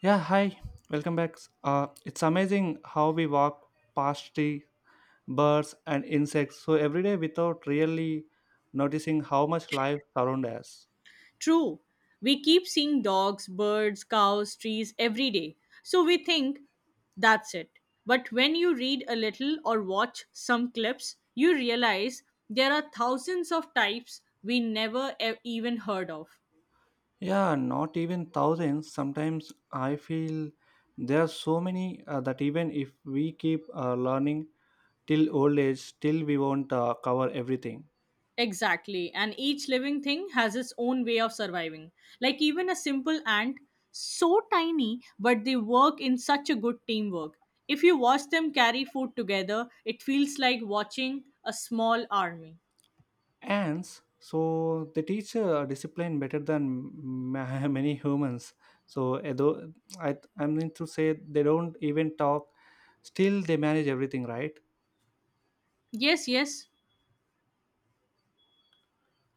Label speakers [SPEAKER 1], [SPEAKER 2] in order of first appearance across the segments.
[SPEAKER 1] Yeah, hi. Welcome back. It's amazing how we walk past the birds and insects so every day without really noticing how much life surrounds us.
[SPEAKER 2] True. We keep seeing dogs, birds, cows, trees every day. So we think that's it. But when you read a little or watch some clips, you realize there are thousands of types we never even heard of.
[SPEAKER 1] Yeah, not even thousands. Sometimes I feel there are so many that even if we keep learning till old age, still we won't cover everything.
[SPEAKER 2] Exactly. And each living thing has its own way of surviving. Like even a simple ant, so tiny, but they work in such a good teamwork. If you watch them carry food together, it feels like watching a small army.
[SPEAKER 1] Ants so they teach discipline better than many humans so though I mean to say they don't even talk, still they manage everything, right?
[SPEAKER 2] Yes, yes.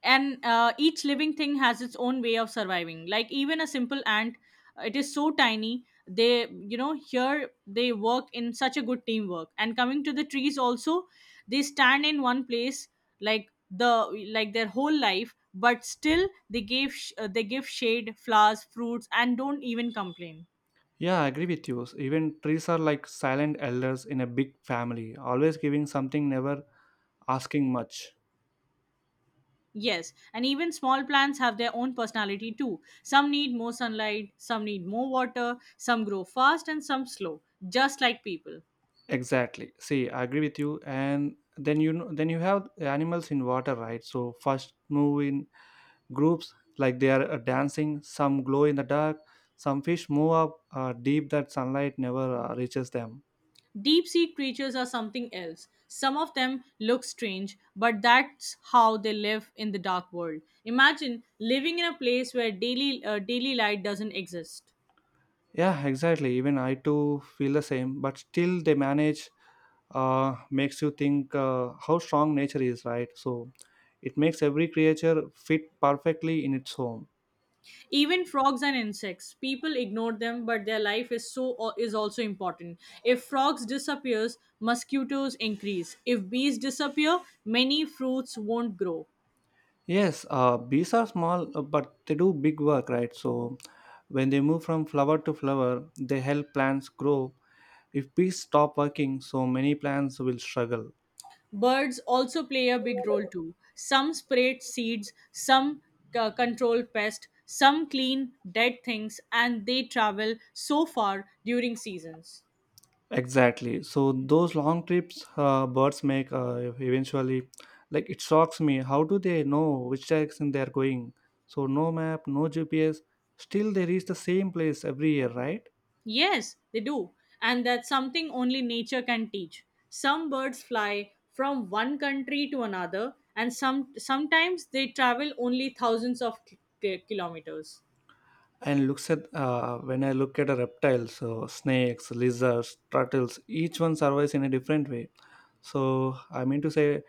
[SPEAKER 2] And each living thing has its own way of surviving. Like even a simple ant, it is so tiny. They, here they work in such a good teamwork. And coming to the trees also, they stand in one place like their whole life, but still they they give shade, flowers, fruits, and don't even complain.
[SPEAKER 1] Yeah, I agree with you. Even trees are like silent elders in a big family, always giving something, never asking much.
[SPEAKER 2] Yes, and even small plants have their own personality too. Some need more sunlight, some need more water, some grow fast, and some slow, just like people.
[SPEAKER 1] Exactly, see, I agree with you. And then you know then, you have animals in water, right? So first move in groups like they are dancing, some glow in the dark, some fish move up deep that sunlight never reaches them.
[SPEAKER 2] Deep sea creatures are something else. Some of them look strange, but that's how they live in the dark world. Imagine living in a place where daily light doesn't exist.
[SPEAKER 1] Yeah, exactly. Even I too feel the same, but still they manage. Makes you think how strong nature is, right? So it makes every creature fit perfectly in its home.
[SPEAKER 2] Even frogs and insects people ignore them, but their life is also important. If frogs disappears, mosquitoes increase. If bees disappear, many fruits won't grow.
[SPEAKER 1] Yes, bees are small but they do big work, right? So when they move from flower to flower, they help plants grow. If bees stop working, so many plants will struggle.
[SPEAKER 2] Birds also play a big role too. Some spread seeds, some control pests, some clean dead things, and they travel so far during seasons.
[SPEAKER 1] Exactly. So those long trips birds make eventually, like it shocks me. How do they know which direction they are going? So no map, no GPS. Still, they reach the same place every year, right?
[SPEAKER 2] Yes, they do. And that's something only nature can teach. Some birds fly from one country to another, and some sometimes they travel only thousands of kilometers.
[SPEAKER 1] And looks at when I look at a reptile, so snakes, lizards, turtles, each one survives in a different way. So I mean to say,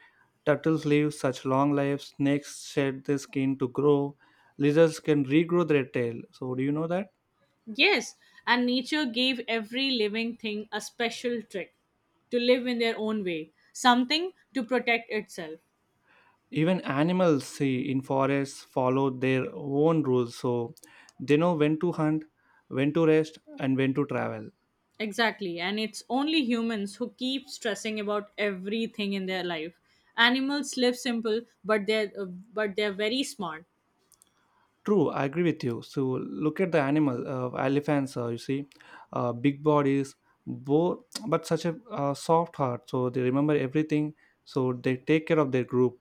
[SPEAKER 1] turtles live such long lives. Snakes shed their skin to grow. Lizards can regrow their tail. So do you know that?
[SPEAKER 2] Yes, and nature gave every living thing a special trick to live in their own way, something to protect itself.
[SPEAKER 1] Even animals see in forests follow their own rules. So they know when to hunt, when to rest, and when to travel.
[SPEAKER 2] Exactly, and it's only humans who keep stressing about everything in their life. Animals live simple, but they're very smart.
[SPEAKER 1] True, I agree with you. So look at the animal elephants. You see, big bodies, but such a soft heart. So they remember everything. So they take care of their group.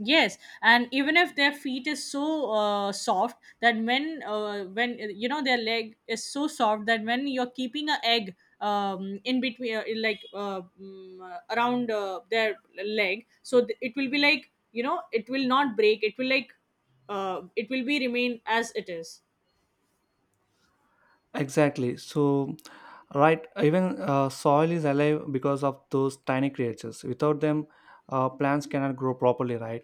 [SPEAKER 2] Yes, and even if their feet is so soft that when you know their leg is so soft that when you're keeping a egg in between around their leg, so it will be like you know it will not break. It will it will be remain as it is.
[SPEAKER 1] Exactly. So, right, even soil is alive because of those tiny creatures. Without them, plants cannot grow properly, right?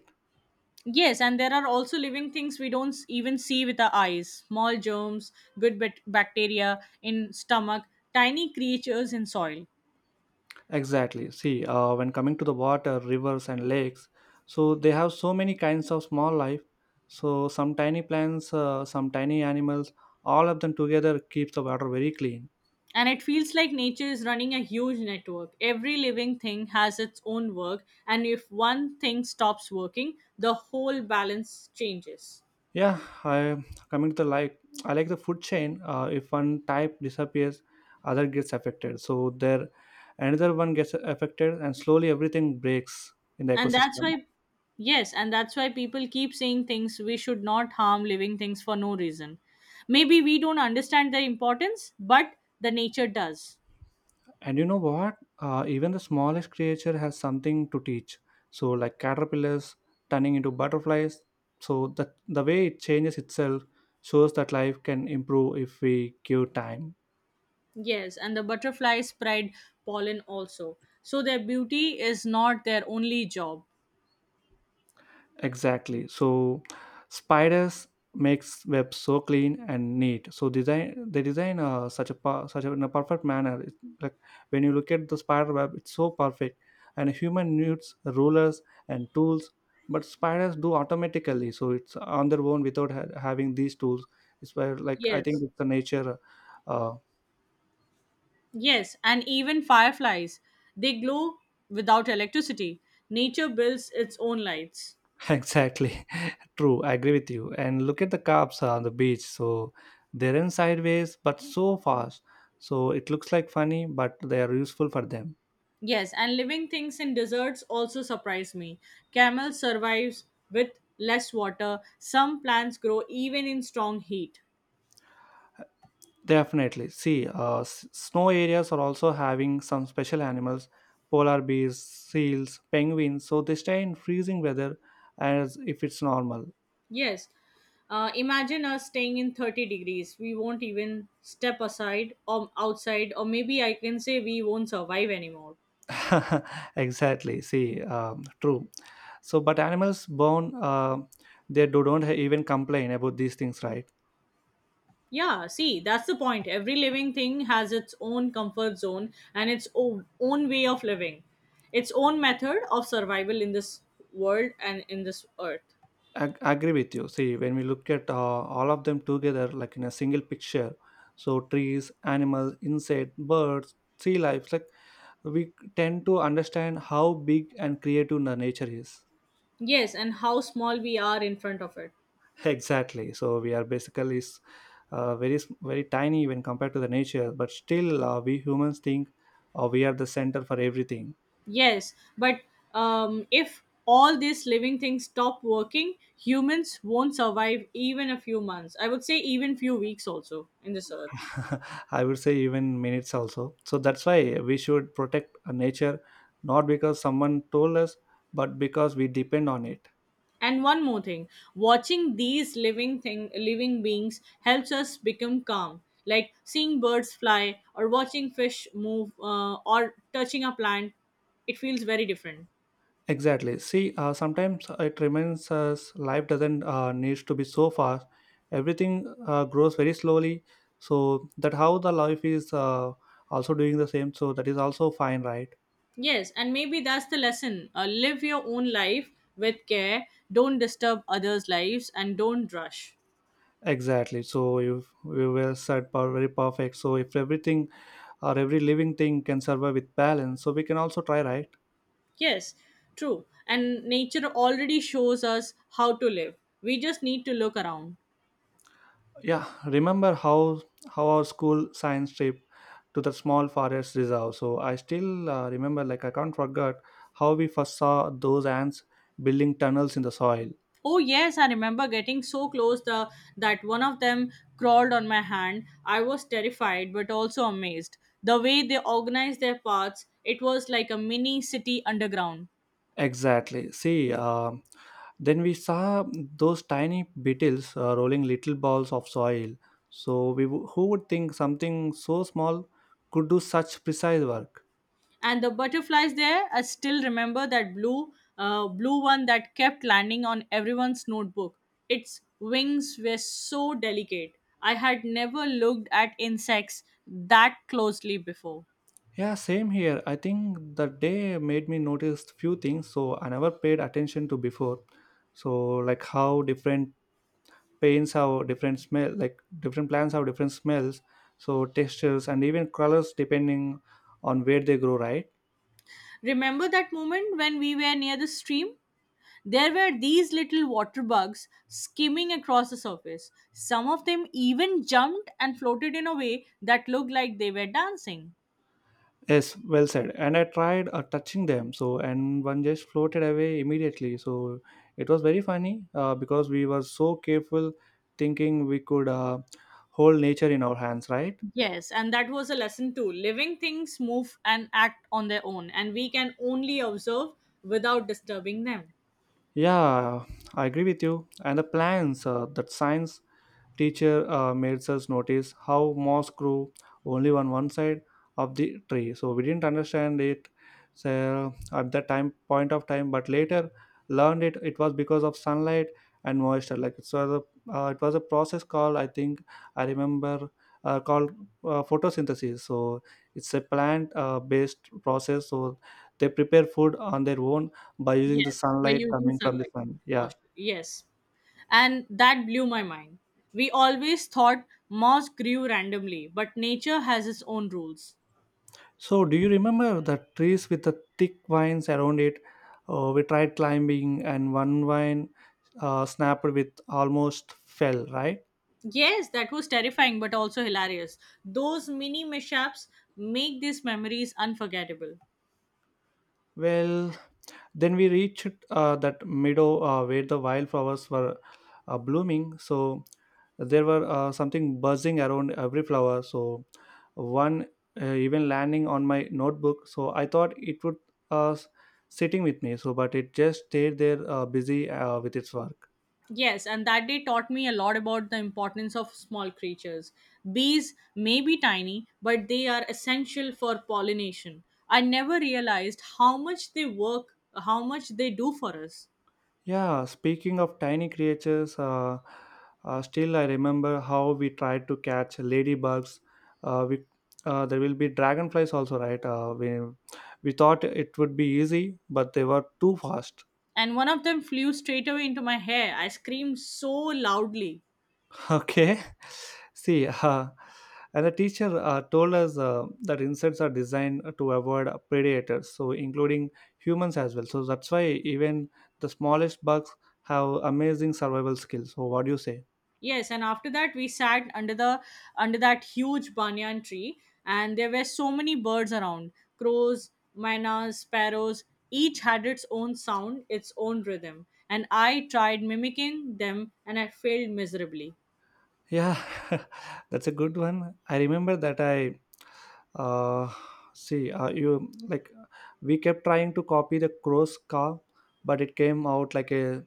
[SPEAKER 2] Yes, and there are also living things we don't even see with our eyes. Small germs, bacteria in stomach, tiny creatures in soil.
[SPEAKER 1] Exactly. See, when coming to the water, rivers, and lakes, so they have so many kinds of small life. So, some tiny plants, some tiny animals, all of them together keeps the water very clean.
[SPEAKER 2] And it feels like nature is running a huge network. Every living thing has its own work, and if one thing stops working, the whole balance changes.
[SPEAKER 1] Yeah, I coming to the like I like the food chain. If one type disappears, other gets affected. So there, another one gets affected, and slowly everything breaks in the
[SPEAKER 2] And that's
[SPEAKER 1] ecosystem.
[SPEAKER 2] why, yes, and that's why people keep saying things we should not harm living things for no reason. Maybe we don't understand their importance, but the nature does.
[SPEAKER 1] And you know what? Even the smallest creature has something to teach. So like caterpillars turning into butterflies. So the way it changes itself shows that life can improve if we give time.
[SPEAKER 2] Yes, and the butterflies spread pollen also. So their beauty is not their only job.
[SPEAKER 1] Exactly. So spiders makes web so clean and neat. So design they design such a such a, in a perfect manner. It's like when you look at the spider web, it's so perfect. And human needs rulers and tools, but spiders do automatically. So it's on their own without having these tools. It's where like I think
[SPEAKER 2] Yes.
[SPEAKER 1] it's the nature. Uh,
[SPEAKER 2] Yes, and even fireflies. They glow without electricity. Nature builds its own lights.
[SPEAKER 1] Exactly. True, I agree with you. And look at the cops on the beach. So they run sideways, but so fast. So it looks like funny, but they are useful for them.
[SPEAKER 2] Yes, and living things in deserts also surprise me. Camel survives with less water. Some plants grow even in strong heat.
[SPEAKER 1] Definitely. See, snow areas are also having some special animals, polar bears, seals, penguins. So they stay in freezing weather as if it's normal.
[SPEAKER 2] Yes, imagine us staying in 30 degrees. We won't even step aside or outside, or maybe I can say we won't survive anymore.
[SPEAKER 1] Exactly. See, true. So, but animals born, they don't even complain about these things, right?
[SPEAKER 2] Yeah, see, that's the point. Every living thing has its own comfort zone and its own way of living, its own method of survival in this world and in this earth.
[SPEAKER 1] Agree with you. See, when we look at all of them together, like in a single picture, so trees, animals, insects, birds, sea life, like we tend to understand how big and creative the nature is.
[SPEAKER 2] Yes, and how small we are in front of it.
[SPEAKER 1] Exactly. So we are basically very very tiny when compared to the nature, but still we humans think we are the center for everything.
[SPEAKER 2] Yes, but if all these living things stop working, humans won't survive even a few months. I would say even few weeks also in this earth.
[SPEAKER 1] I would say even minutes also. So that's why we should protect nature not because someone told us, but because we depend on it.
[SPEAKER 2] And one more thing, watching these living beings helps us become calm. Like seeing birds fly or watching fish move, or touching a plant, it feels very different.
[SPEAKER 1] Exactly. See, sometimes it reminds us life doesn't needs to be so fast. Everything grows very slowly. So that how the life is also doing the same. So that is also fine, right?
[SPEAKER 2] Yes, and maybe that's the lesson. Live your own life with care. Don't disturb others' lives, and don't rush.
[SPEAKER 1] Exactly. So if we were said very perfect. So if everything or every living thing can survive with balance, so we can also try, right?
[SPEAKER 2] Yes, true. And nature already shows us how to live. We just need to look around.
[SPEAKER 1] Yeah, remember how our school science trip to the small forest reserve. So I still remember, like I can't forget how we first saw those ants building tunnels in the soil.
[SPEAKER 2] Oh yes, I remember getting so close that one of them crawled on my hand. I was terrified but also amazed. The way they organized their paths, it was like a mini city underground.
[SPEAKER 1] Exactly. See, um, then we saw those tiny beetles rolling little balls of soil. So we who would think something so small could do such precise work?
[SPEAKER 2] And the butterflies there, I still remember that blue one that kept landing on everyone's notebook. Its wings were so delicate. I had never looked at insects that closely before.
[SPEAKER 1] Yeah, same here. I think the day made me notice few things so I never paid attention to before. So like how different paints have different smell, like different plants have different smells, so textures and even colors depending on where they grow, right?
[SPEAKER 2] Remember that moment when we were near the stream? There were these little water bugs skimming across the surface. Some of them even jumped and floated in a way that looked like they were dancing.
[SPEAKER 1] Yes, well said. And I tried touching them, so and one just floated away immediately. So it was very funny because we were so careful, thinking we could hold nature in our hands, right?
[SPEAKER 2] Yes, and that was a lesson too. Living things move and act on their own, and we can only observe without disturbing them.
[SPEAKER 1] Yeah, I agree with you. And the plans that science teacher made us notice how moss grew only on one side of the tree. So we didn't understand it so at that time point of time, but later learned it. It was because of sunlight and moisture. Like so, the, it was a process called I think I remember called photosynthesis. So it's a plant based process. So they prepare food on their own by using the
[SPEAKER 2] Yes, by
[SPEAKER 1] sunlight
[SPEAKER 2] using
[SPEAKER 1] coming from the
[SPEAKER 2] sunlight,
[SPEAKER 1] sun. Yeah.
[SPEAKER 2] moisture. Yes. And that blew my mind. We always thought moss grew randomly, but nature has its own rules.
[SPEAKER 1] So, do you remember the trees with the thick vines around it? We tried climbing, and one vine snapped with almost fell, right?
[SPEAKER 2] Yes, that was terrifying but also hilarious. Those mini mishaps make these memories unforgettable.
[SPEAKER 1] Well, then we reached that meadow where the wildflowers were blooming. So, there were something buzzing around every flower. So, one even landing on my notebook. So, I thought it would uh, s- sitting with me. So, but it just stayed there busy with its work.
[SPEAKER 2] Yes, and that day taught me a lot about the importance of small creatures. Bees may be tiny, but they are essential for pollination. I never realized how much they work, how much they do for us.
[SPEAKER 1] Yeah, speaking of tiny creatures, still I remember how we tried to catch ladybugs. Uh, we, there will be dragonflies also, right? We thought it would be easy, but they were too fast.
[SPEAKER 2] And one of them flew straight away into my hair. I screamed so loudly.
[SPEAKER 1] Okay, see, and the teacher told us that insects are designed to avoid predators, so including humans as well. So that's why even the smallest bugs have amazing survival skills. So what do you say?
[SPEAKER 2] Yes, and after that we sat under that huge banyan tree, and there were so many birds around: crows, mynas, sparrows. Each had its own sound, its own rhythm, and I tried mimicking them, and I failed miserably.
[SPEAKER 1] Yeah, that's a good one. I remember that I uh, see you like we kept trying to copy the crow's car, but it came out like a,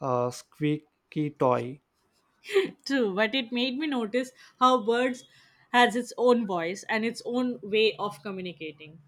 [SPEAKER 1] squeaky toy.
[SPEAKER 2] True, but it made me notice how birds has its own voice and its own way of communicating.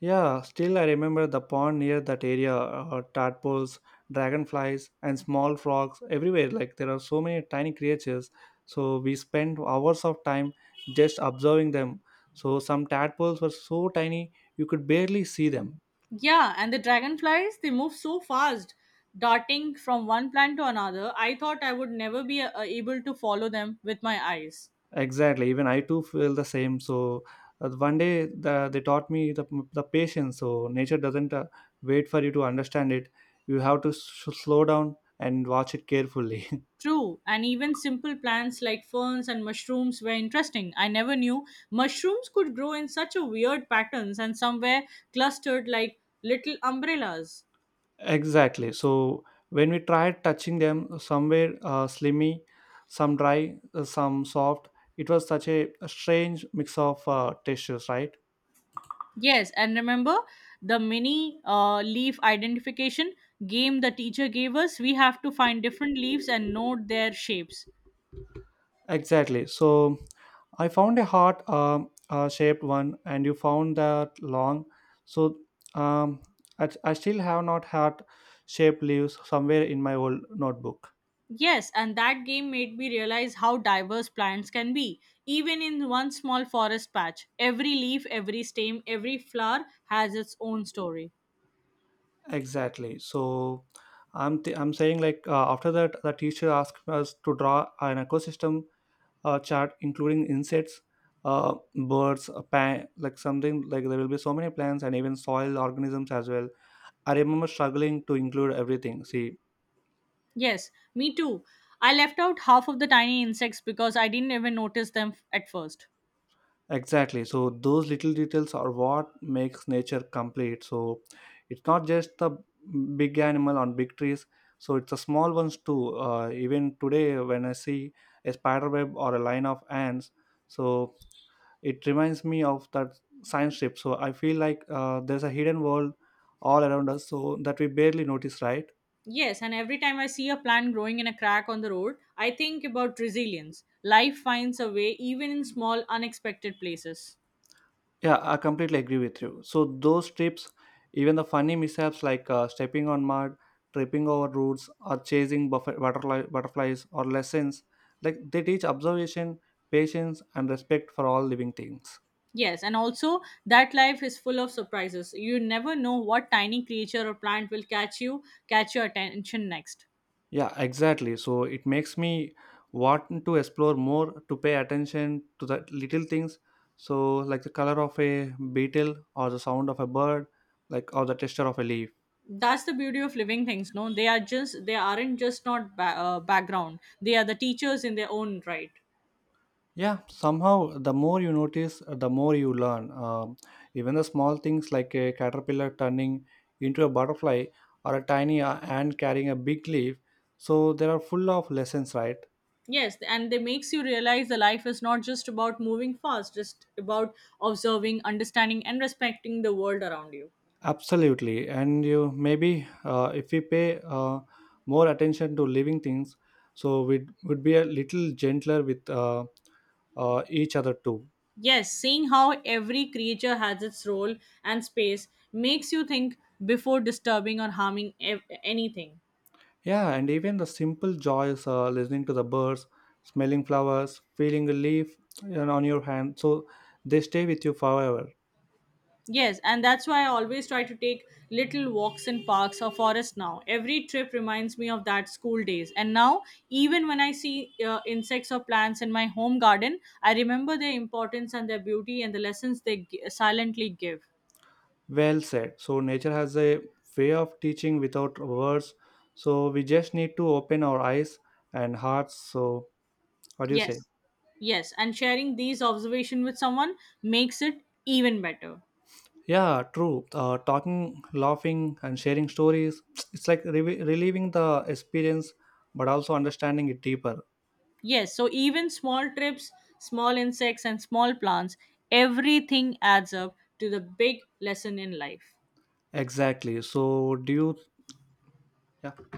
[SPEAKER 1] Yeah, still I remember the pond near that area. Tadpoles, dragonflies, and small frogs everywhere. Like there are so many tiny creatures. So we spent hours of time just observing them. So some tadpoles were so tiny you could barely see them.
[SPEAKER 2] Yeah, and the dragonflies, they move so fast, darting from one plant to another. I thought I would never be able to follow them with my eyes.
[SPEAKER 1] Exactly. Even I too feel the same. So one day the, they taught me the patience. So nature doesn't wait for you to understand it. You have to s slow down and watch it carefully.
[SPEAKER 2] True, and even simple plants like ferns and mushrooms were interesting. I never knew mushrooms could grow in such a weird patterns and somewhere clustered like little umbrellas.
[SPEAKER 1] Exactly. So when we tried touching them, somewhere slimy, some dry, some soft. It was such a strange mix of textures, right?
[SPEAKER 2] Yes, and remember the mini leaf identification game the teacher gave us? We have to find different leaves and note their shapes.
[SPEAKER 1] Exactly. So I found a heart shaped one, and you found that long. So um, I still have not heart shaped leaves somewhere in my old notebook.
[SPEAKER 2] Yes, and that game made me realize how diverse plants can be. Even in one small forest patch, every leaf, every stem, every flower has its own story.
[SPEAKER 1] Exactly. So I'm saying like after that, the teacher asked us to draw an ecosystem chart, including insects, birds, a pan, like something like there will be so many plants and even soil organisms as well. I remember struggling to include everything. See,
[SPEAKER 2] Yes, me too. I left out half of the tiny insects because I didn't even notice them at first.
[SPEAKER 1] exactly. So those little details are what makes nature complete. So it's not just the big animal on big trees. So it's the small ones too. Even today, when I see a spider web or a line of ants, so it reminds me of that science trip. So I feel like there's a hidden world all around us, so that we barely notice, right?
[SPEAKER 2] Yes, and every time I see a plant growing in a crack on the road, I think about resilience. Life finds a way even in small, unexpected places.
[SPEAKER 1] Yeah, I completely agree with you. So those trips, even the funny mishaps like stepping on mud, tripping over roots, or chasing butterflies or lessons, like they teach observation, patience, and respect for all living things.
[SPEAKER 2] Yes, and also that life is full of surprises. You never know what tiny creature or plant will catch you, catch your attention next.
[SPEAKER 1] Yeah, exactly. So it makes me want to explore more to pay attention to the little things. So like the color of a beetle or the sound of a bird, like or the texture of a leaf.
[SPEAKER 2] That's the beauty of living things. No, they are just they aren't just not background. They are the teachers in their own right.
[SPEAKER 1] Yeah, somehow the more you notice, the more you learn. Even the small things like a caterpillar turning into a butterfly or a tiny ant carrying a big leaf. So there are full of lessons, right?
[SPEAKER 2] Yes, and they makes you realize the life is not just about moving fast, just about observing, understanding, and respecting the world around you.
[SPEAKER 1] Absolutely. And you maybe if we pay more attention to living things, so we would be a little gentler with each other too.
[SPEAKER 2] Yes, seeing how every creature has its role and space makes you think before disturbing or harming anything.
[SPEAKER 1] Yeah, and even the simple joys, listening to the birds, smelling flowers, feeling a leaf you know, on your hand, so they stay with you forever.
[SPEAKER 2] Yes, and that's why I always try to take little walks in parks or forests now. Every trip reminds me of that school days. And now, even when I see insects or plants in my home garden, I remember their importance and their beauty and the lessons they silently give.
[SPEAKER 1] Well said. So nature has a way of teaching without words. So we just need to open our eyes and hearts. So what do you say?
[SPEAKER 2] Yes, yes, and sharing these observations with someone makes it even better.
[SPEAKER 1] Yeah, true. Talking, laughing, and sharing stories. It's like relieving the experience, but also understanding it deeper.
[SPEAKER 2] Yes, so even small trips, small insects, and small plants, everything adds up to the big lesson in life.
[SPEAKER 1] Exactly. So do you? Yeah.